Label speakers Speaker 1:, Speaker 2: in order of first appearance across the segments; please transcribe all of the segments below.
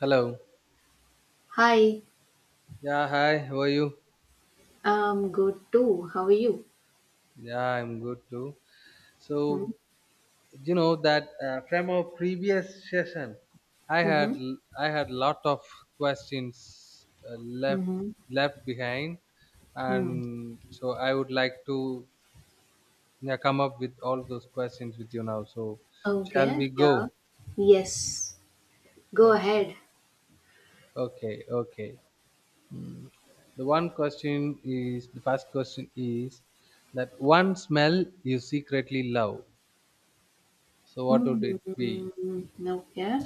Speaker 1: Hello.
Speaker 2: Hi,
Speaker 1: Yeah, hi. How are you?
Speaker 2: I'm good too. How are you?
Speaker 1: Yeah, I'm good too.
Speaker 2: Hmm?
Speaker 1: So, you know that from our previous session, I
Speaker 2: Mm-hmm.
Speaker 1: had I had lot of questions left
Speaker 2: Mm-hmm.
Speaker 1: left behind, and
Speaker 2: Hmm.
Speaker 1: so I would like to, yeah, come up with all those questions with you now. So, shall
Speaker 2: Okay,
Speaker 1: we go?
Speaker 2: yeah. Yes. Go
Speaker 1: Okay.
Speaker 2: ahead.
Speaker 1: Okay. Okay. Hmm. The one question is, the first question is, that one smell you secretly love. So what would it be?
Speaker 2: Mm-hmm. Okay.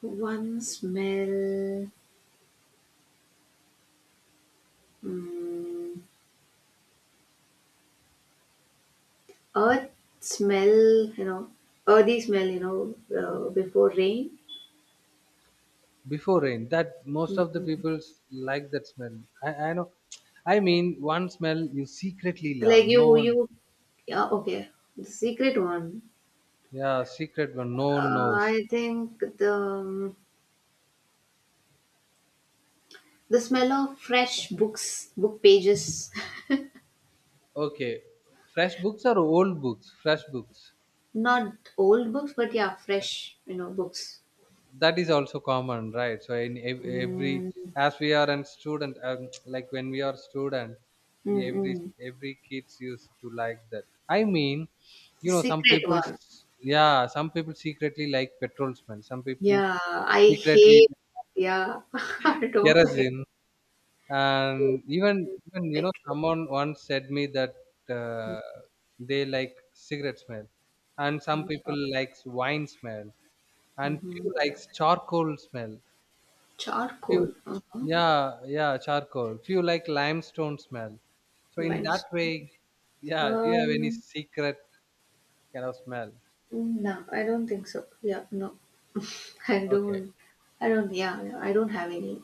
Speaker 2: One smell. Mm, earth smell, you know, earthy smell, before rain.
Speaker 1: Before rain. That most of the
Speaker 2: Mm.
Speaker 1: people like that smell. I know. I mean, one smell you secretly
Speaker 2: Like
Speaker 1: love. No one.
Speaker 2: yeah, okay. The secret one.
Speaker 1: Yeah, secret one. No one knows.
Speaker 2: I think the the smell of fresh books, book pages.
Speaker 1: Okay, fresh books or old books? Fresh books.
Speaker 2: Not old books, but yeah, fresh, books.
Speaker 1: That is also common, right? So in every,
Speaker 2: Mm,
Speaker 1: as we are a student, like when we are student, we every
Speaker 2: mm-mm.
Speaker 1: every kids used to like that. I mean, you know, some
Speaker 2: Secret
Speaker 1: people,
Speaker 2: one.
Speaker 1: yeah, some people secretly like petrol smell. Some people
Speaker 2: Yeah, I
Speaker 1: secretly
Speaker 2: hate. Yeah, I don't like
Speaker 1: kerosene, and
Speaker 2: it.
Speaker 1: even you know
Speaker 2: Petrol.
Speaker 1: someone once said me that uh, they like cigarette smell, and some people likes wine smell, and few
Speaker 2: Mm-hmm.
Speaker 1: likes charcoal smell, few,
Speaker 2: Charcoal. Uh-huh.
Speaker 1: yeah yeah, charcoal, few like limestone smell, so in that
Speaker 2: Limestone.
Speaker 1: way, yeah, do you have any
Speaker 2: Um,
Speaker 1: secret kind of smell?
Speaker 2: no, I don't think so. Yeah, no, I
Speaker 1: Okay,
Speaker 2: don't. I don't. Yeah, yeah, I don't have any.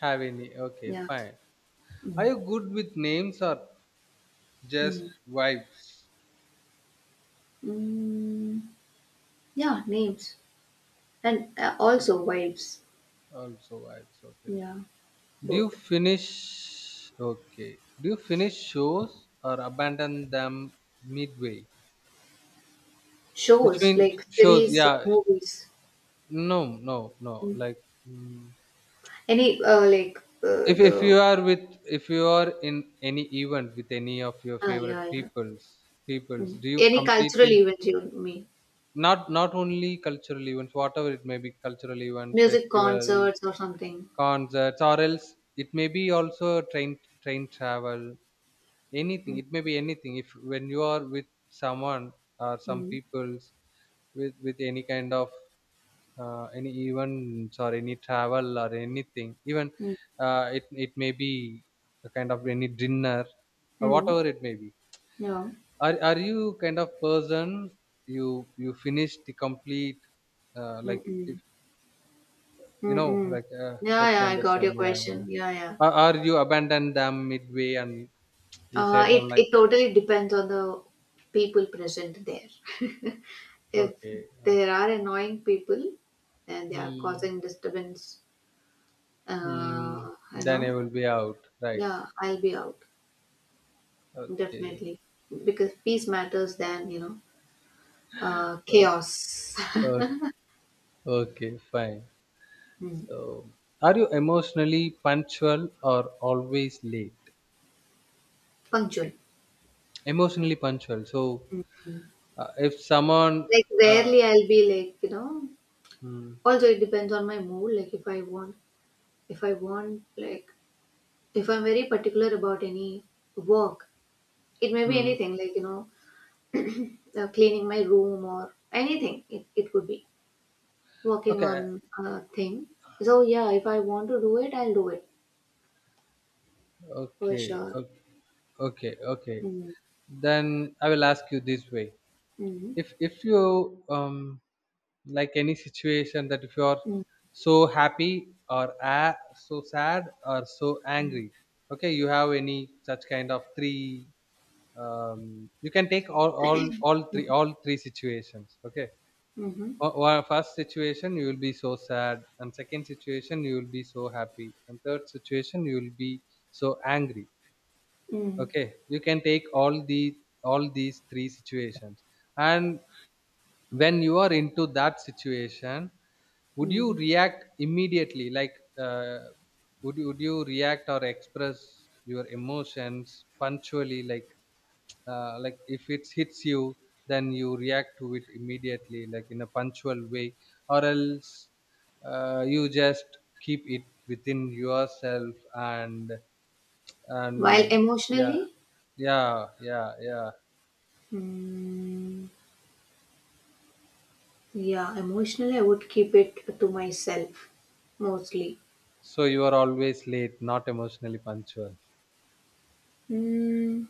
Speaker 1: have any, okay,
Speaker 2: Yeah.
Speaker 1: fine.
Speaker 2: Mm.
Speaker 1: Are you good with names or just
Speaker 2: Mm.
Speaker 1: vibes?
Speaker 2: Mm. Yeah, names and also vibes.
Speaker 1: Also vibes, okay.
Speaker 2: Yeah.
Speaker 1: Do you
Speaker 2: Both
Speaker 1: finish okay. Do you finish shows or abandon them midway? Which
Speaker 2: shows,
Speaker 1: mean
Speaker 2: like
Speaker 1: shows,
Speaker 2: series or
Speaker 1: yeah.
Speaker 2: movies.
Speaker 1: No, no, no.
Speaker 2: Mm.
Speaker 1: Like, mm,
Speaker 2: Any like uh,
Speaker 1: if
Speaker 2: the
Speaker 1: you are with, if you are in any event with any of your
Speaker 2: Ah,
Speaker 1: favorite
Speaker 2: yeah, yeah.
Speaker 1: peoples,
Speaker 2: Mm.
Speaker 1: do you
Speaker 2: Any cultural
Speaker 1: completely,
Speaker 2: event you mean?
Speaker 1: not not only cultural events, whatever it may be, cultural events,
Speaker 2: Music
Speaker 1: festivals,
Speaker 2: concerts or something.
Speaker 1: concerts, or else it may be also train, travel, anything,
Speaker 2: Mm.
Speaker 1: it may be anything, if when you are with someone or some
Speaker 2: Mm.
Speaker 1: peoples with any kind of any events or any travel or anything, even
Speaker 2: Mm.
Speaker 1: it may be a kind of any dinner or
Speaker 2: Mm.
Speaker 1: whatever it may be,
Speaker 2: Yeah.
Speaker 1: are you kind of person, you finish the complete, like if
Speaker 2: Mm-mm. Mm-mm. Yeah,
Speaker 1: hope
Speaker 2: yeah,
Speaker 1: you
Speaker 2: I got
Speaker 1: understand,
Speaker 2: your
Speaker 1: yeah yeah,
Speaker 2: question. Yeah, yeah.
Speaker 1: or you abandon them midway and you said
Speaker 2: It
Speaker 1: them like
Speaker 2: it totally depends on the people present there. If
Speaker 1: okay, okay.
Speaker 2: there are annoying people and they are
Speaker 1: Hmm.
Speaker 2: causing disturbance,
Speaker 1: Mm,
Speaker 2: uh, you
Speaker 1: then I
Speaker 2: know,
Speaker 1: will be out, right?
Speaker 2: yeah, I'll be out
Speaker 1: Okay.
Speaker 2: definitely because peace matters than
Speaker 1: o-
Speaker 2: chaos.
Speaker 1: o- Okay, fine.
Speaker 2: Hmm.
Speaker 1: So, are you emotionally punctual or always late?
Speaker 2: Punctual.
Speaker 1: Emotionally punctual. So, if someone,
Speaker 2: Like
Speaker 1: uh,
Speaker 2: rarely I'll be like.
Speaker 1: hmm,
Speaker 2: Also, it depends on my mood. Like if I want, like if I'm very particular about any work, it may be
Speaker 1: hmm.
Speaker 2: anything. Like you know, cleaning my room or anything. It could be working on
Speaker 1: okay,
Speaker 2: a thing. So yeah, if I want to do it, I'll do it for
Speaker 1: okay,
Speaker 2: sure.
Speaker 1: okay, okay, okay.
Speaker 2: Mm-hmm.
Speaker 1: Then I will ask you this way:
Speaker 2: Mm-hmm.
Speaker 1: if you like any situation, that if you are
Speaker 2: Mm-hmm.
Speaker 1: so happy or so sad or so angry, okay, you have any such kind of three, you can take all, all three all three situations, okay,
Speaker 2: Mm-hmm.
Speaker 1: or first situation you will be so sad, and second situation you will be so happy, and third situation you will be so angry,
Speaker 2: Mm,
Speaker 1: okay, you can take all the all these three situations, and when you are into that situation, would you
Speaker 2: mm.
Speaker 1: react immediately, like uh, would you react or express your emotions punctually, like if it hits you, then you react to it immediately like in a punctual way, or else you just keep it within yourself and
Speaker 2: While
Speaker 1: and yeah
Speaker 2: emotionally,
Speaker 1: yeah yeah, yeah,
Speaker 2: mm, yeah, emotionally I would keep it to myself mostly.
Speaker 1: so you are always late, not emotionally punctual?
Speaker 2: Mm,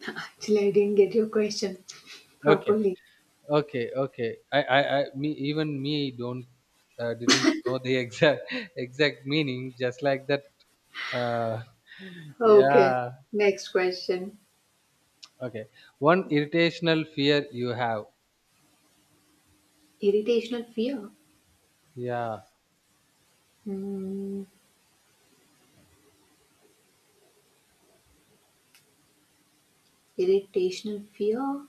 Speaker 2: actually, I didn't get your question
Speaker 1: Okay.
Speaker 2: properly.
Speaker 1: Okay, okay. I me, even me don't didn't know the exact exact meaning. Just like that. Uh,
Speaker 2: Okay,
Speaker 1: yeah.
Speaker 2: next question.
Speaker 1: Okay. One irritational fear you have.
Speaker 2: Irritational fear.
Speaker 1: Yeah.
Speaker 2: Mm, irritational fear?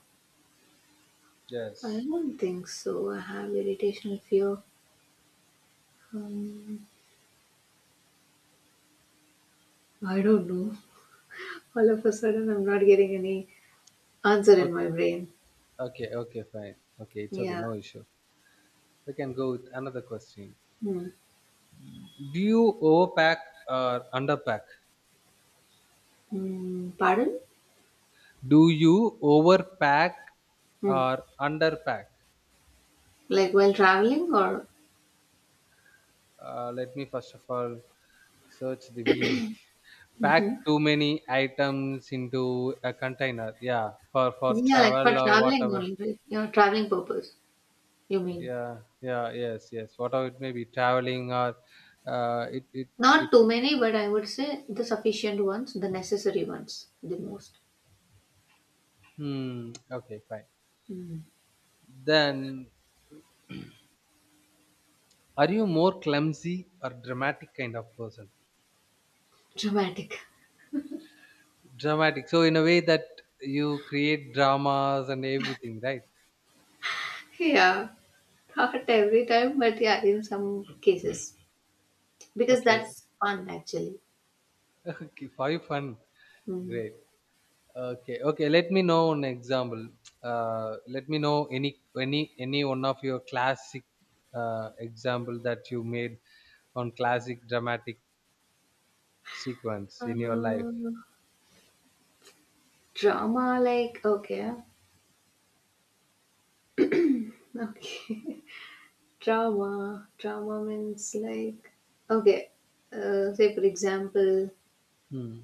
Speaker 2: I
Speaker 1: Yes.
Speaker 2: don't think so. I have irritational fear. Um, I don't know. All of a sudden, I'm not getting any answer
Speaker 1: Okay.
Speaker 2: in my brain.
Speaker 1: Okay. Okay. Fine. Okay. It's okay.
Speaker 2: Yeah.
Speaker 1: No issue. We can go with another question.
Speaker 2: Hmm.
Speaker 1: Do you overpack or underpack?
Speaker 2: Hmm. Pardon?
Speaker 1: Do you overpack
Speaker 2: Hmm.
Speaker 1: or underpack?
Speaker 2: Like while traveling or?
Speaker 1: Let me first of all search the meaning. Pack
Speaker 2: Hmm.
Speaker 1: too many items into a container, yeah, for
Speaker 2: Yeah, like for
Speaker 1: travel or
Speaker 2: traveling
Speaker 1: whatever,
Speaker 2: only, right? Your traveling purpose, you mean?
Speaker 1: yeah, yeah, yes, yes, whatever it may be, traveling or uh, it it
Speaker 2: Not
Speaker 1: it
Speaker 2: too many, but I would say the sufficient ones, the necessary ones, the most.
Speaker 1: hmm, okay, fine.
Speaker 2: Mm.
Speaker 1: Then, are you more clumsy or dramatic kind of person?
Speaker 2: Dramatic.
Speaker 1: Dramatic, so in a way that you create dramas and everything, right?
Speaker 2: Yeah, not every time, but yeah, in some cases. Because
Speaker 1: Okay.
Speaker 2: that's fun actually.
Speaker 1: Okay, for you fun,
Speaker 2: Hmm.
Speaker 1: great. Okay, okay. Let me know an example. Let me know any any one of your classic example that you made, on classic dramatic sequence in your life.
Speaker 2: Uh, drama, like, okay. Okay. Trauma. Trauma means like, okay, say for example,
Speaker 1: Hmm.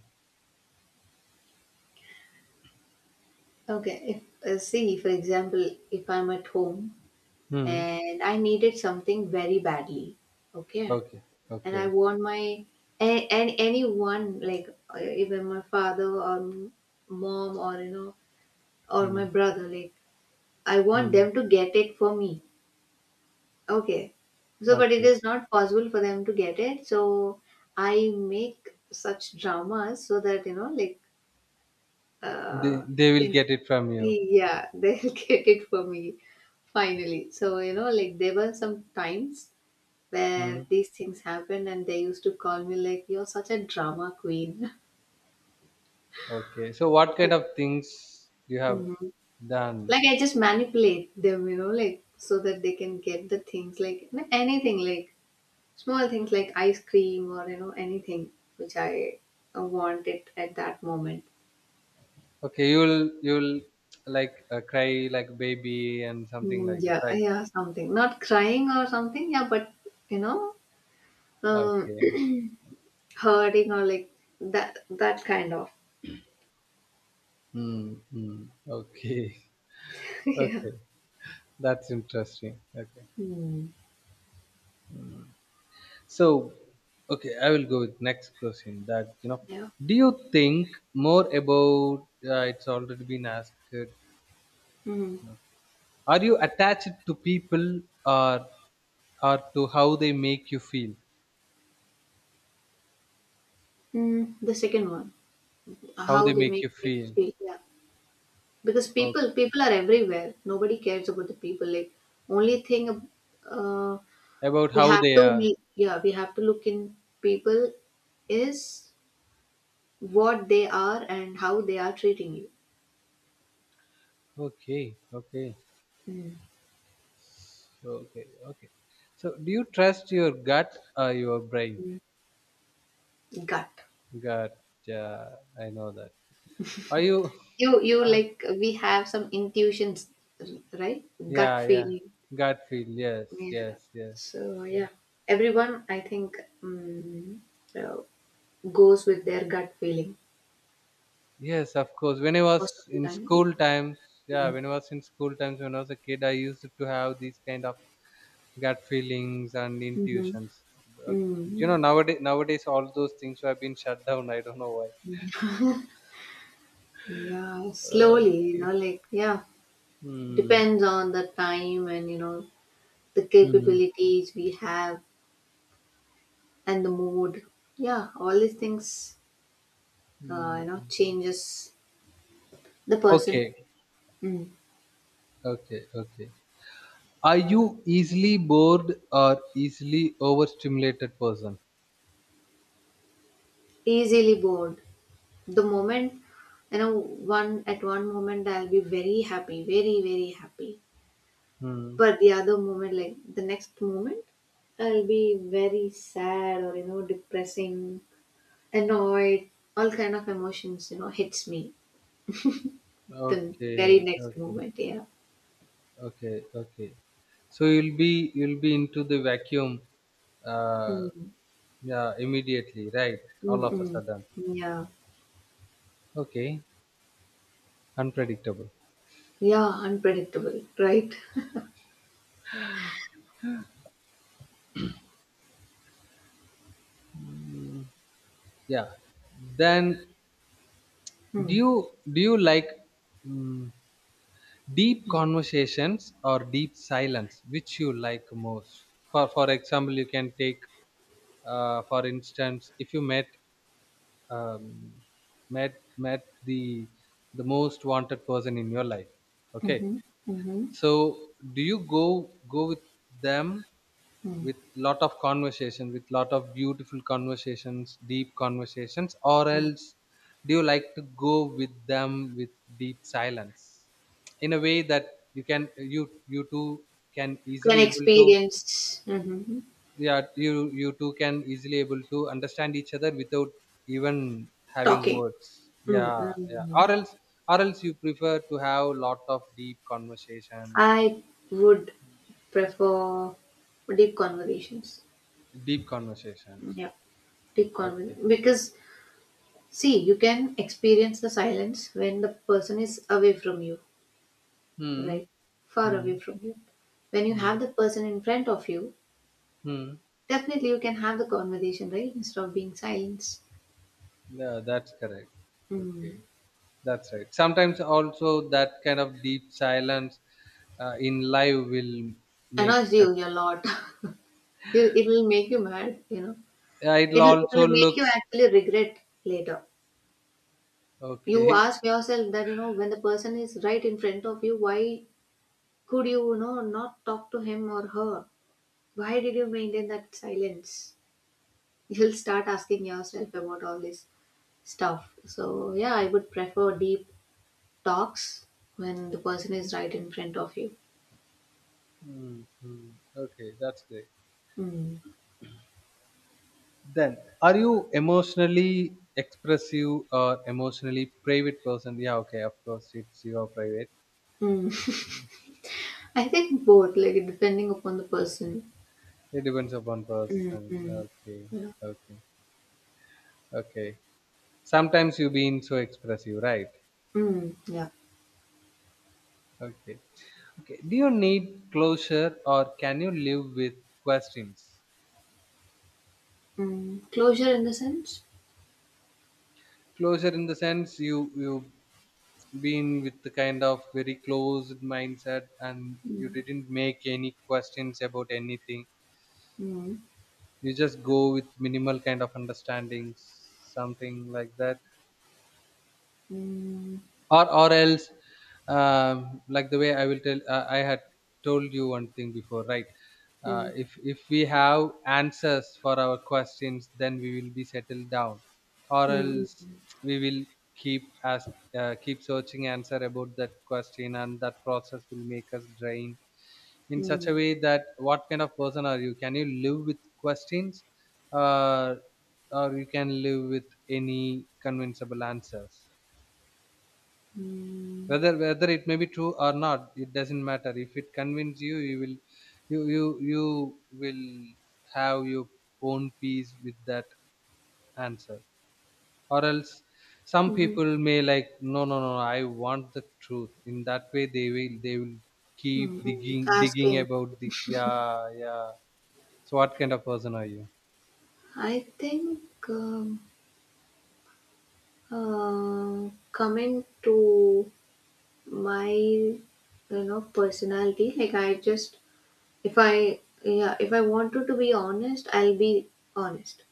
Speaker 2: okay, if see for example, if I'm at home
Speaker 1: Hmm.
Speaker 2: and I needed something very badly, okay,
Speaker 1: Okay.
Speaker 2: and I
Speaker 1: Okay.
Speaker 2: want my and anyone like even my father or mom or or my
Speaker 1: Hmm.
Speaker 2: brother, like I want
Speaker 1: Hmm.
Speaker 2: them to get it for me. Okay. So, but it
Speaker 1: Okay.
Speaker 2: is not possible for them to get it. So, I make such dramas so that, you know, like, uh,
Speaker 1: They will
Speaker 2: it,
Speaker 1: get it from you.
Speaker 2: yeah, they'll get it for me finally. So, you know, like, there were some times where
Speaker 1: Hmm.
Speaker 2: these things happened and they used to call me, like, you're such a drama queen.
Speaker 1: Okay. So what kind of things you have
Speaker 2: Hmm. Like,
Speaker 1: done?
Speaker 2: I just manipulate them, you know, like, so that they can get the things, like, anything, like, small things like ice cream or you know anything which I want it at that moment.
Speaker 1: Okay. You'll like, cry like baby and something
Speaker 2: Mm,
Speaker 1: like that,
Speaker 2: yeah,
Speaker 1: right?
Speaker 2: yeah, something. Not crying or something. Yeah, but you know, um,
Speaker 1: Okay.
Speaker 2: hurting or like that kind of.
Speaker 1: Hmm. Okay,
Speaker 2: Yeah.
Speaker 1: okay, that's interesting. Okay,
Speaker 2: Hmm.
Speaker 1: so okay, I will go with next question. That, you know,
Speaker 2: Yeah.
Speaker 1: do you think more about? It's already been asked.
Speaker 2: Mm.
Speaker 1: Are you attached to people, or or to how they make you feel?
Speaker 2: Mm. The second one,
Speaker 1: How
Speaker 2: how
Speaker 1: they
Speaker 2: they
Speaker 1: make
Speaker 2: make
Speaker 1: you
Speaker 2: me
Speaker 1: feel?
Speaker 2: feel. Yeah, because people
Speaker 1: Okay,
Speaker 2: people are everywhere. Nobody cares about the people. Like only thing, uh,
Speaker 1: about
Speaker 2: we
Speaker 1: how
Speaker 2: have
Speaker 1: they
Speaker 2: to
Speaker 1: are.
Speaker 2: meet. Yeah, we have to look in people is what they are and how they are treating you.
Speaker 1: Okay, okay,
Speaker 2: Mm.
Speaker 1: so, okay, okay. So, do you trust your gut or your brain?
Speaker 2: Gut.
Speaker 1: Gut. Yeah, I know that. Are you?
Speaker 2: You
Speaker 1: Uh,
Speaker 2: like we have some intuitions, right? Gut
Speaker 1: yeah, yeah.
Speaker 2: feeling.
Speaker 1: Garfield. Yes,
Speaker 2: Yeah.
Speaker 1: yes, yes,
Speaker 2: So
Speaker 1: yes.
Speaker 2: yeah, everyone I think mm, uh, goes with their gut feeling
Speaker 1: Yes, of course. When I was
Speaker 2: most of the
Speaker 1: in
Speaker 2: time. Yeah.
Speaker 1: school times, yeah,
Speaker 2: Mm.
Speaker 1: when I was in school times, when I was a kid, I used to have these kind of gut feelings and
Speaker 2: Mm-hmm.
Speaker 1: intuitions. But you
Speaker 2: Mm.
Speaker 1: know, nowadays, all those things have been shut down. I don't know why.
Speaker 2: Yeah, slowly, you know,
Speaker 1: Okay.
Speaker 2: like, yeah,
Speaker 1: Hmm.
Speaker 2: depends on the time and, you know, the
Speaker 1: Hmm.
Speaker 2: capabilities we have and the mood. Yeah, all these things you
Speaker 1: Hmm.
Speaker 2: know changes the person.
Speaker 1: Okay.
Speaker 2: Mm.
Speaker 1: Okay. Okay. Are you easily bored or easily overstimulated person?
Speaker 2: Easily bored. The moment, you know, one at one moment I'll be very happy, very very happy,
Speaker 1: Hmm.
Speaker 2: but the other moment, like the next moment, I'll be very sad or you know depressing, annoyed. All kind of emotions, you know, hits me the very
Speaker 1: Okay,
Speaker 2: next
Speaker 1: okay,
Speaker 2: moment. Yeah.
Speaker 1: okay, okay. So you'll be into the vacuum, uh,
Speaker 2: Mm.
Speaker 1: yeah, immediately, right? All of a
Speaker 2: Mm-mm.
Speaker 1: sudden.
Speaker 2: Yeah,
Speaker 1: Okay, unpredictable.
Speaker 2: yeah, unpredictable, right.
Speaker 1: Yeah. Then, do
Speaker 2: Mm.
Speaker 1: you do you like, mm, deep conversations or deep silence? Which you like most? For example, you can take, for instance, if you met, um, met the most wanted person in your life, okay,
Speaker 2: Mm-hmm. Mm-hmm.
Speaker 1: so do you go with them with lot of conversation, with lot of beautiful conversations, deep conversations, or
Speaker 2: Mm.
Speaker 1: else do you like to go with them with deep silence, in a way that you can, you two can
Speaker 2: Can
Speaker 1: easily able to,
Speaker 2: experience. Mm-hmm.
Speaker 1: yeah, you two can easily able to understand each other without even having
Speaker 2: Talking.
Speaker 1: words, yeah yeah,
Speaker 2: Mm-hmm.
Speaker 1: or else, or else you prefer to have lot of deep conversation?
Speaker 2: I would prefer deep conversations.
Speaker 1: Deep conversations,
Speaker 2: Yeah. Deep
Speaker 1: okay.
Speaker 2: conversation because see, you can experience the silence when the person is away from you,
Speaker 1: Hmm
Speaker 2: right? Far
Speaker 1: hmm.
Speaker 2: away from you. When you
Speaker 1: Hmm,
Speaker 2: have the person in front of you,
Speaker 1: hmm.
Speaker 2: definitely you can have the conversation, right? Instead of being silence.
Speaker 1: Yeah, that's correct, okay.
Speaker 2: Mm.
Speaker 1: That's right, sometimes also that kind of deep silence in live will make
Speaker 2: Annoys you
Speaker 1: a,
Speaker 2: a lot. You, it will make you mad, you know.
Speaker 1: it'll
Speaker 2: It'll
Speaker 1: also
Speaker 2: make you
Speaker 1: looks,
Speaker 2: actually regret later. You
Speaker 1: okay.
Speaker 2: ask yourself that you know when the person is right in front of you, why could you, you know, not talk to him or her? Why did you maintain that silence? You'll start asking yourself about all this stuff. So yeah, I would prefer deep talks when the person is right in front of you.
Speaker 1: Hmm hmm. Okay, that's great.
Speaker 2: Mm.
Speaker 1: Then, are you emotionally expressive or emotionally private person? Yeah, okay, of course, it's, you are private.
Speaker 2: Mm. I think both, like depending upon the person.
Speaker 1: It depends upon
Speaker 2: Mm.
Speaker 1: person.
Speaker 2: Mm.
Speaker 1: Okay,
Speaker 2: Yeah.
Speaker 1: okay, okay. Sometimes you being so expressive, right?
Speaker 2: Mm. Yeah.
Speaker 1: Okay, okay. Do you need closure or can you live with questions?
Speaker 2: Mm. Closure in the sense.
Speaker 1: Closure in the sense, you been with the kind of very closed mindset, and you
Speaker 2: Mm.
Speaker 1: didn't make any questions about anything,
Speaker 2: Mm,
Speaker 1: you just go with minimal kind of understandings, something like that,
Speaker 2: mm,
Speaker 1: or else, like the way I will tell, I had told you one thing before, right?
Speaker 2: mm,
Speaker 1: If we have answers for our questions, then we will be settled down, or
Speaker 2: mm,
Speaker 1: else
Speaker 2: mm,
Speaker 1: we will keep ask, keep searching answer about that question, and that process will make us drain, in such
Speaker 2: mm,
Speaker 1: a way that, what kind of person are you, can you live with questions, uh, or you can live with any convincible answers,
Speaker 2: mm,
Speaker 1: whether it may be true or not, it doesn't matter, if it convinces you, you will, you you you will have your own peace with that answer, or else some
Speaker 2: mm,
Speaker 1: people may like, no no no, I want the truth, in that way they will, they will keep
Speaker 2: mm.
Speaker 1: digging
Speaker 2: Asking,
Speaker 1: about the, yeah yeah. So what kind of person are you?
Speaker 2: I think um, coming to my personality, like I just if I yeah, if I wanted to be honest, I'll be honest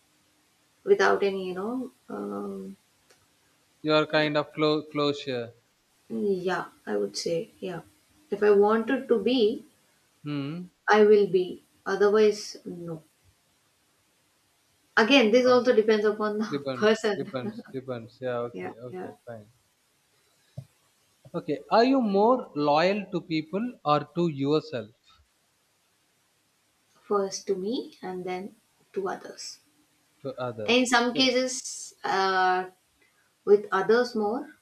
Speaker 2: without any you know
Speaker 1: You are kind of closure.
Speaker 2: yeah, I would say yeah, if I wanted to be,
Speaker 1: Hmm.
Speaker 2: I will be. Otherwise, no. Again, this
Speaker 1: Oh,
Speaker 2: also depends upon the
Speaker 1: depends.
Speaker 2: person.
Speaker 1: Depends. Depends. Yeah.
Speaker 2: Yeah,
Speaker 1: Okay.
Speaker 2: yeah.
Speaker 1: Okay. Fine. Okay. Are you more loyal to people or to yourself,
Speaker 2: First to me and then to others.
Speaker 1: to
Speaker 2: And in
Speaker 1: others?
Speaker 2: some
Speaker 1: So,
Speaker 2: cases, with others more,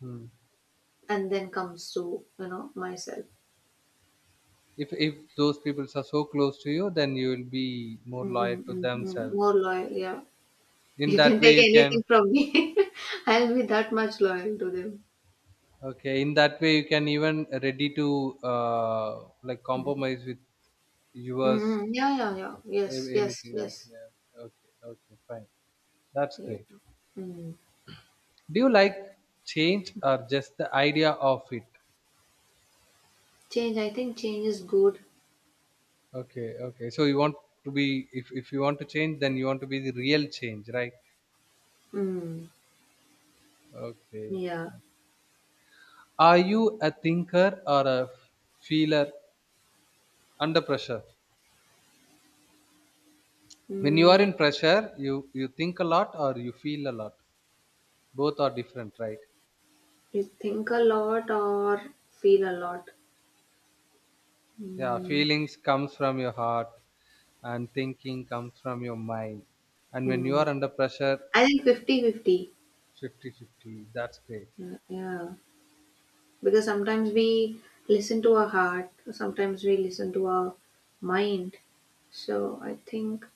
Speaker 1: hmm.
Speaker 2: and then comes to, you know, myself.
Speaker 1: If those people are so close to you, then you will be more loyal to
Speaker 2: Mm-mm-mm-mm. More
Speaker 1: themselves.
Speaker 2: loyal, yeah.
Speaker 1: In
Speaker 2: You
Speaker 1: that
Speaker 2: can take
Speaker 1: way, you can.
Speaker 2: anything from me. I'll be that much loyal to them.
Speaker 1: Okay. In that way, you can even ready to, uh, like compromise with yours,
Speaker 2: Mm-mm. Yeah, yeah, yeah. Yes, yes,
Speaker 1: anything. Yeah,
Speaker 2: yes.
Speaker 1: yeah. Okay. Okay. Fine. That's
Speaker 2: Yeah.
Speaker 1: great.
Speaker 2: Mm.
Speaker 1: Do you like change or just the idea of it?
Speaker 2: Change, I think change is good.
Speaker 1: Okay, okay. So you want to be, if you want to change, then you want to be the real change, right?
Speaker 2: Mm.
Speaker 1: Okay.
Speaker 2: Yeah.
Speaker 1: Are you a thinker or a feeler under pressure? When you are
Speaker 2: Mm.
Speaker 1: in pressure, you think a lot or you feel a lot. Both are different, right?
Speaker 2: You think a lot or feel a lot?
Speaker 1: Yeah,
Speaker 2: Mm.
Speaker 1: feelings comes from your heart, and thinking comes from your mind. And when you
Speaker 2: Hmm.
Speaker 1: are under pressure,
Speaker 2: I think fifty-fifty.
Speaker 1: 50-50. That's great.
Speaker 2: Yeah, yeah. Because sometimes we listen to our heart, sometimes we listen to our mind. So I think,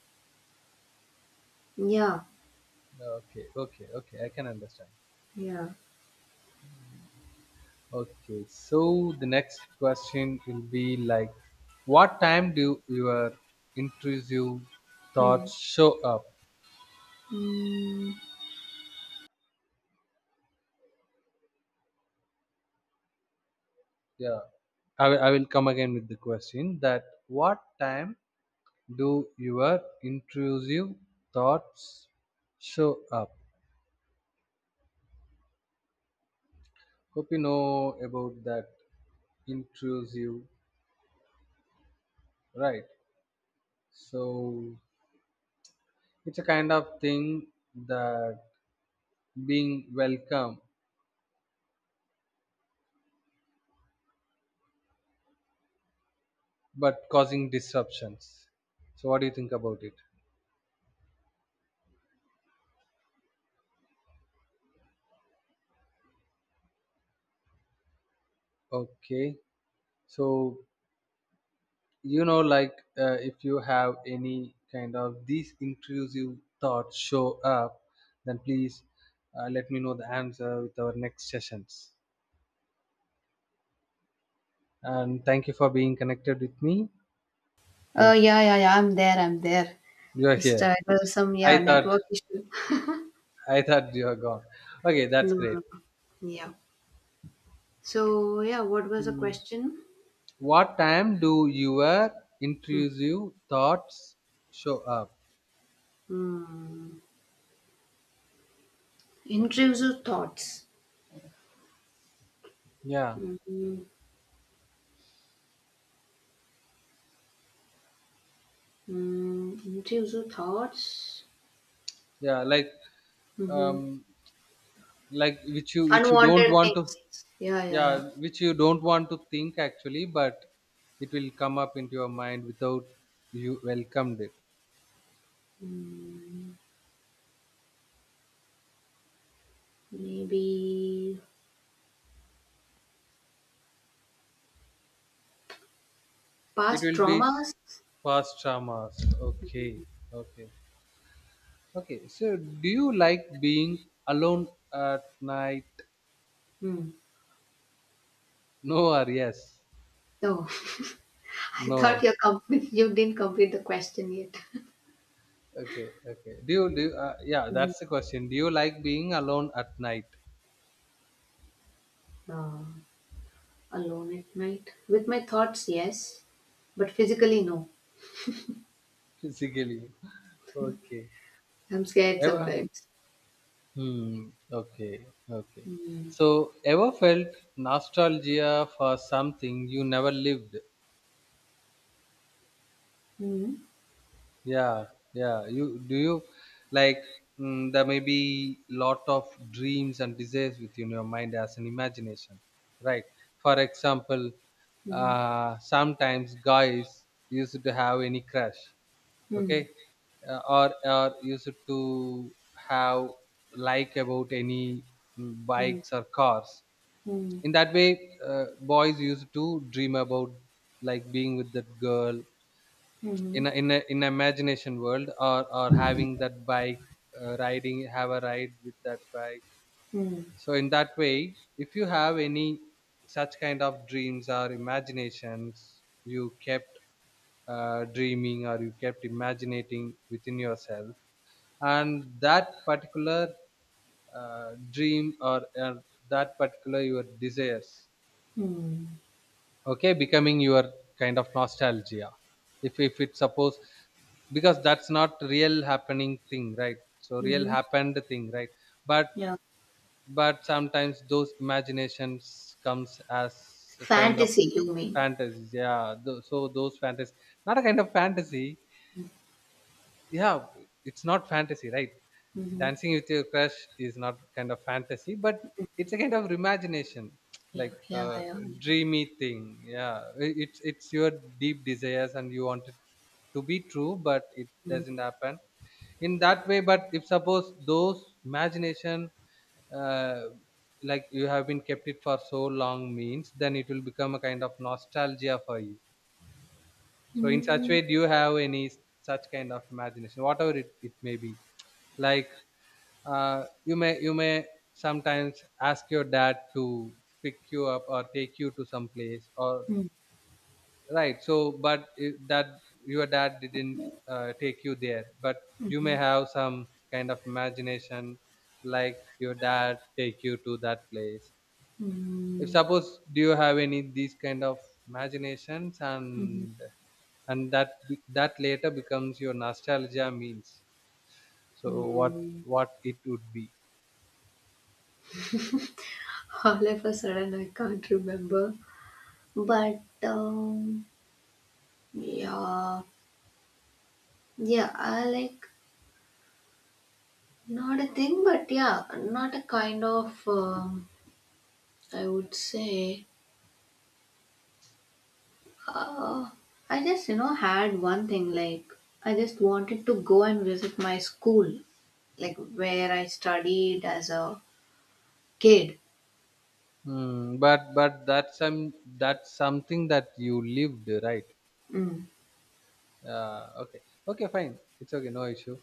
Speaker 2: yeah,
Speaker 1: Okay, okay, okay. I can understand.
Speaker 2: yeah.
Speaker 1: Okay, so the next question will be like, what time do your intrusive
Speaker 2: Hmm.
Speaker 1: thoughts show up?
Speaker 2: Hmm.
Speaker 1: Yeah, I will come again with the question: that what time do your intrusive thoughts show up? Hope you know about that intrusive, right? So it's a kind of thing that being welcome, but causing disruptions. So, what do you think about it? Okay, so like if you have any kind of these intrusive thoughts show up, then please let me know the answer with our next sessions. And thank you for being connected with me. Thank
Speaker 2: Yeah, yeah, yeah. I'm there. I'm there.
Speaker 1: you. You're
Speaker 2: Just
Speaker 1: here.
Speaker 2: it was some
Speaker 1: I
Speaker 2: yeah
Speaker 1: thought
Speaker 2: network issue.
Speaker 1: I thought you were gone. Okay,
Speaker 2: No,
Speaker 1: that's great.
Speaker 2: no, no. Yeah. So yeah, what was the
Speaker 1: Mm.
Speaker 2: question?
Speaker 1: What time do your
Speaker 2: Hmm.
Speaker 1: intrusive thoughts show up?
Speaker 2: Hmm. Intrusive thoughts.
Speaker 1: Yeah,
Speaker 2: Hmm. Mm, intrusive thoughts.
Speaker 1: yeah,
Speaker 2: Mm-hmm.
Speaker 1: um like which you don't
Speaker 2: Unwanted
Speaker 1: want to,
Speaker 2: things. Yeah, yeah,
Speaker 1: yeah,
Speaker 2: yeah.
Speaker 1: which you don't want to think actually, but it will come up into your mind without you welcomed it.
Speaker 2: Mm, maybe
Speaker 1: It
Speaker 2: past
Speaker 1: will be
Speaker 2: traumas.
Speaker 1: past traumas. Okay, okay, okay. So do you like being alone at night?
Speaker 2: Mm.
Speaker 1: No or yes?
Speaker 2: No, I thought
Speaker 1: No.
Speaker 2: you complete. You didn't complete the question yet.
Speaker 1: Okay, okay, do you yeah,
Speaker 2: Mhm.
Speaker 1: that's the question, do you like being alone at night?
Speaker 2: Uh, alone at night with my thoughts, yes, but physically, no.
Speaker 1: Physically, okay.
Speaker 2: I'm scared
Speaker 1: Ever.
Speaker 2: sometimes.
Speaker 1: Hmm. Okay. Okay.
Speaker 2: Mm.
Speaker 1: So, ever felt nostalgia for something you never lived?
Speaker 2: Mm.
Speaker 1: Yeah. Yeah. You do you like, mm, there may be lot of dreams and desires within your mind as an imagination, right? For example,
Speaker 2: Mm.
Speaker 1: sometimes guys used to have any crush,
Speaker 2: Mm.
Speaker 1: okay, or used to have like about any, mm,
Speaker 2: Mm.
Speaker 1: bikes or cars.
Speaker 2: Mm.
Speaker 1: In that way, boys used to dream about like being with that girl
Speaker 2: Mm.
Speaker 1: in a imagination world, or having that bike, riding, have a ride with that bike.
Speaker 2: Mm.
Speaker 1: So in that way, if you have any such kind of dreams or imaginations, you kept dreaming, or you kept imagining within yourself, and that particular dream or that particular your desires,
Speaker 2: Mm.
Speaker 1: okay, becoming your kind of nostalgia. If it suppose, because that's not real happening thing, right? So real
Speaker 2: Mm.
Speaker 1: happened thing, right? but
Speaker 2: Yeah.
Speaker 1: but sometimes those imaginations comes as a kind of
Speaker 2: Fantasy, you mean?
Speaker 1: fantasies. Yeah, so those fantasies, not a kind of fantasy, yeah, it's not fantasy, right?
Speaker 2: Mhm.
Speaker 1: Dancing with your crush is not kind of fantasy, but it's a kind of imagination,
Speaker 2: Yeah.
Speaker 1: like
Speaker 2: Yeah. Ja,
Speaker 1: a
Speaker 2: ja.
Speaker 1: dreamy thing. Yeah, it's your deep desires and you want it to be true, but it
Speaker 2: Mhm.
Speaker 1: doesn't happen in that way. But if suppose those imagination, uh, like you have been kept it for so long means, then it will become a kind of nostalgia for you. So in such
Speaker 2: Mhm.
Speaker 1: way, do you have any such kind of imagination, whatever it may be, like, you may sometimes ask your dad to pick you up or take you to some place, or
Speaker 2: Mhm.
Speaker 1: right, so but that your dad didn't take you there, but you may have some kind of imagination, like your dad take you to that place. If suppose, do you have any these kind of imaginations, and that that later becomes your nostalgia means, so
Speaker 2: Mhm.
Speaker 1: what it would be?
Speaker 2: All of a sudden, I can't remember. But yeah, yeah, I like not a thing, but yeah, not a kind of. I would say, uh, I just you know had one thing like I just wanted to go and visit my school, like where I studied as a kid.
Speaker 1: Mm, but that's some, that's something that you lived, right?
Speaker 2: Mm,
Speaker 1: Okay, okay, fine. It's okay, no issue.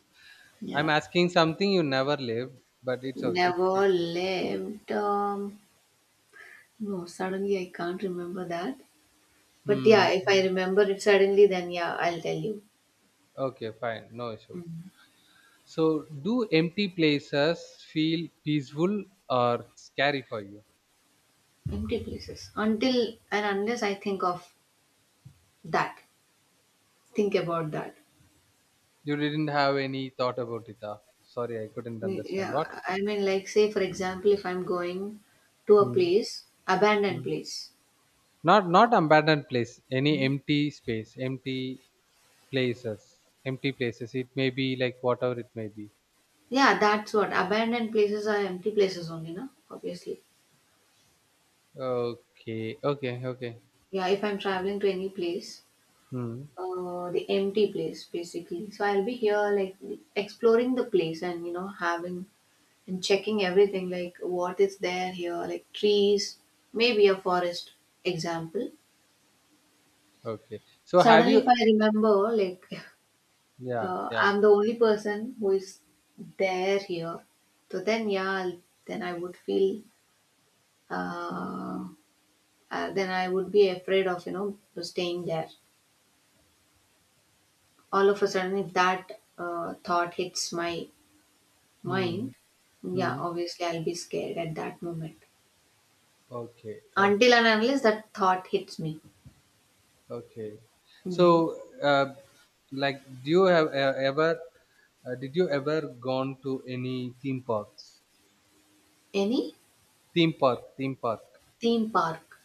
Speaker 2: yeah.
Speaker 1: I'm asking something you never lived, but it's okay.
Speaker 2: Never lived. No, suddenly I can't remember that. But
Speaker 1: Hmm,
Speaker 2: yeah, if
Speaker 1: hmm.
Speaker 2: I remember it suddenly, then yeah, I'll tell you.
Speaker 1: Okay, fine, no issue.
Speaker 2: Mm.
Speaker 1: So, do empty places feel peaceful or scary for you?
Speaker 2: Empty places. Until and unless I think of that, think about that.
Speaker 1: You didn't have any thought about it. Ah, sorry, I couldn't
Speaker 2: Mm,
Speaker 1: understand.
Speaker 2: yeah,
Speaker 1: What?
Speaker 2: I mean, like, say, for example, if I'm going to a
Speaker 1: Hmm.
Speaker 2: place, abandoned
Speaker 1: Hmm.
Speaker 2: place.
Speaker 1: Not not abandoned place. Any
Speaker 2: Mm.
Speaker 1: empty space, empty places, empty places. It may be like whatever it may be.
Speaker 2: Yeah, that's what. Abandoned places are empty places only, no? Obviously.
Speaker 1: Okay, okay, okay.
Speaker 2: Yeah, if I'm traveling to any place,
Speaker 1: Hmm.
Speaker 2: the empty place basically. So I'll be here like exploring the place and you know having and checking everything like what is there here like trees, maybe a forest example.
Speaker 1: Okay. So have
Speaker 2: Suddenly,
Speaker 1: you?
Speaker 2: if I remember like
Speaker 1: Yeah,
Speaker 2: uh,
Speaker 1: yeah.
Speaker 2: I'm the only person who is there here, so then yeah, then I would feel uh, then I would be afraid of you know staying there. All of a sudden, if that thought hits my
Speaker 1: Hmm.
Speaker 2: mine? Yeah,
Speaker 1: Hmm.
Speaker 2: obviously I'll be scared at that moment.
Speaker 1: Okay.
Speaker 2: Until and unless that thought hits me.
Speaker 1: Okay.
Speaker 2: Hmm.
Speaker 1: So, uh, like, do you have ever? Did you ever gone to any theme parks?
Speaker 2: Any
Speaker 1: Theme park. Theme park.
Speaker 2: theme park?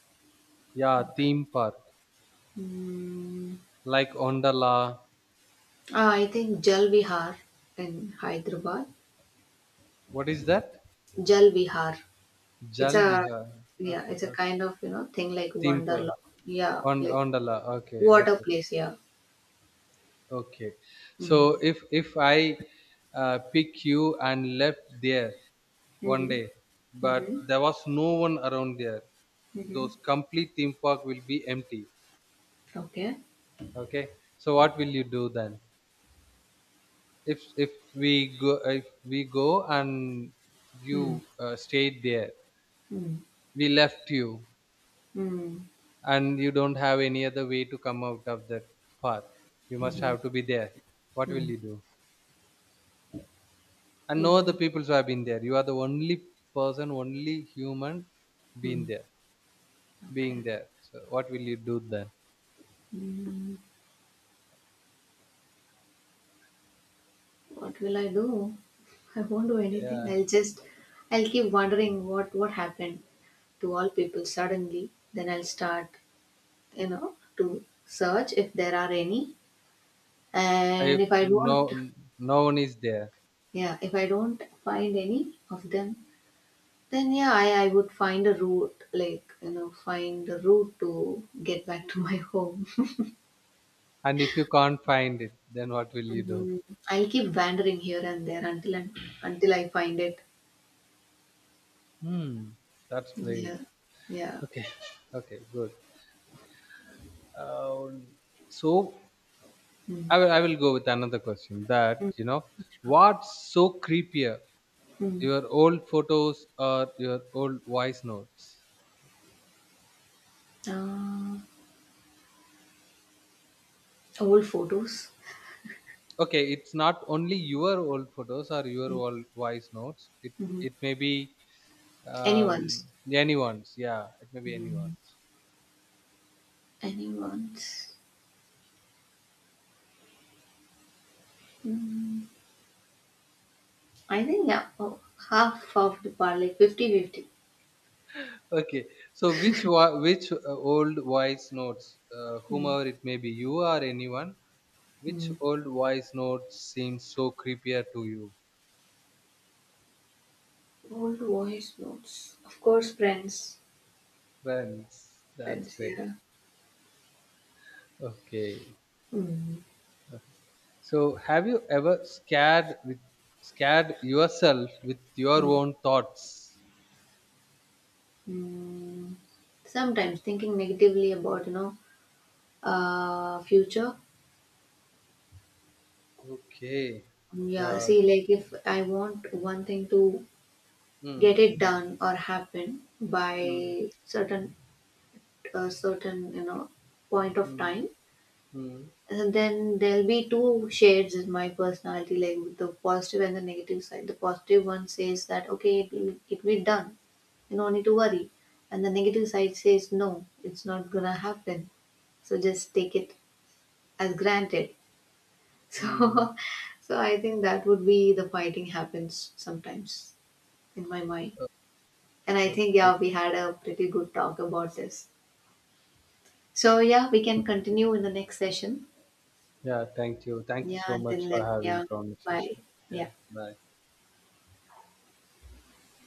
Speaker 1: Yeah,
Speaker 2: Okay.
Speaker 1: theme park.
Speaker 2: Hmm.
Speaker 1: Like Ondala.
Speaker 2: Ah, I think Jal Vihar in Hyderabad.
Speaker 1: What is that?
Speaker 2: Jal Vihar. It's
Speaker 1: Jal
Speaker 2: a
Speaker 1: Vihar.
Speaker 2: yeah,
Speaker 1: Okay,
Speaker 2: it's a
Speaker 1: okay.
Speaker 2: kind of you know thing like
Speaker 1: Theme park.
Speaker 2: Wonderland. Yeah,
Speaker 1: On
Speaker 2: like
Speaker 1: Ondala. Okay.
Speaker 2: water
Speaker 1: Okay.
Speaker 2: place. Yeah.
Speaker 1: Okay. So
Speaker 2: Mm.
Speaker 1: if I pick you and left there one
Speaker 2: Mm.
Speaker 1: day, but
Speaker 2: Mm-hmm.
Speaker 1: there was no one around there,
Speaker 2: Mm-hmm.
Speaker 1: those complete theme park will be empty.
Speaker 2: Okay.
Speaker 1: Okay. So what will you do then? If we go and
Speaker 2: Mm.
Speaker 1: you stayed there,
Speaker 2: Mm.
Speaker 1: we left you,
Speaker 2: Mm.
Speaker 1: and you don't have any other way to come out of that park. You must
Speaker 2: Mm-hmm.
Speaker 1: have to be there. What will
Speaker 2: Mm.
Speaker 1: you do? And no other
Speaker 2: Mm.
Speaker 1: people who have been there, you are the only person, only human being
Speaker 2: Mm.
Speaker 1: there, being
Speaker 2: Okay.
Speaker 1: there, so what will you do then?
Speaker 2: Mm, what will I do? I won't do anything.
Speaker 1: Yeah,
Speaker 2: I'll just, I'll keep wondering what happened to all people suddenly. Then I'll start, you know, to search if there are any. And
Speaker 1: if
Speaker 2: if I
Speaker 1: no,
Speaker 2: don't,
Speaker 1: no one is there.
Speaker 2: yeah, if I don't find any of them, then yeah, I would find a route, like you know, find a route to get back to my home.
Speaker 1: And if you can't find it, then what will you do?
Speaker 2: Mm, I'll keep wandering here and there until and until I find it.
Speaker 1: Hmm, that's brave.
Speaker 2: Yeah, yeah.
Speaker 1: Okay, okay, good. Uh, so
Speaker 2: Mm.
Speaker 1: I will go with another question, that you know what's so creepier,
Speaker 2: Mm.
Speaker 1: your old photos or your old voice notes?
Speaker 2: Uh, old photos.
Speaker 1: Okay, it's not only your old photos or your
Speaker 2: Mm.
Speaker 1: old voice notes, it
Speaker 2: Mhm.
Speaker 1: it may be, um,
Speaker 2: Anyone's.
Speaker 1: anyone's, yeah, it may be
Speaker 2: Mm.
Speaker 1: anyone's.
Speaker 2: Anyone's. Mm. I think yeah, oh, half of the part, like 50-50.
Speaker 1: Okay, so which old voice notes,
Speaker 2: Mm.
Speaker 1: whomever it may be, you or anyone, which
Speaker 2: Mm.
Speaker 1: old voice notes seems so creepier to you?
Speaker 2: Old voice notes. Of course, friends.
Speaker 1: Friends, that's
Speaker 2: Friends,
Speaker 1: great.
Speaker 2: yeah.
Speaker 1: Okay.
Speaker 2: Mm.
Speaker 1: So have you ever scared with, scared yourself with your
Speaker 2: Mm.
Speaker 1: own thoughts?
Speaker 2: Mm. Sometimes thinking negatively about, you know, future.
Speaker 1: Okay.
Speaker 2: Yeah,
Speaker 1: Yeah.
Speaker 2: see, like if I want one thing to get
Speaker 1: Mm,
Speaker 2: it
Speaker 1: mm,
Speaker 2: done or happen
Speaker 1: mm,
Speaker 2: by certain a certain you know point of
Speaker 1: mm,
Speaker 2: time,
Speaker 1: mm,
Speaker 2: and then there'll be two shades in my personality, like the positive and the negative side. The positive one says that okay it will, it will be done, you don't need to worry, and the negative side says no, it's not gonna happen, so just take it as granted. So,
Speaker 1: mm.
Speaker 2: so I think that would be the fighting happens sometimes in my mind. And I think
Speaker 1: Okay.
Speaker 2: yeah, we had a pretty good talk about this, so yeah, we can continue in the next session.
Speaker 1: Yeah, thank you. Thank you
Speaker 2: Yeah,
Speaker 1: so much
Speaker 2: until
Speaker 1: for
Speaker 2: then,
Speaker 1: having
Speaker 2: yeah. Bye.
Speaker 1: conversation. Yeah,
Speaker 2: Yeah.
Speaker 1: bye.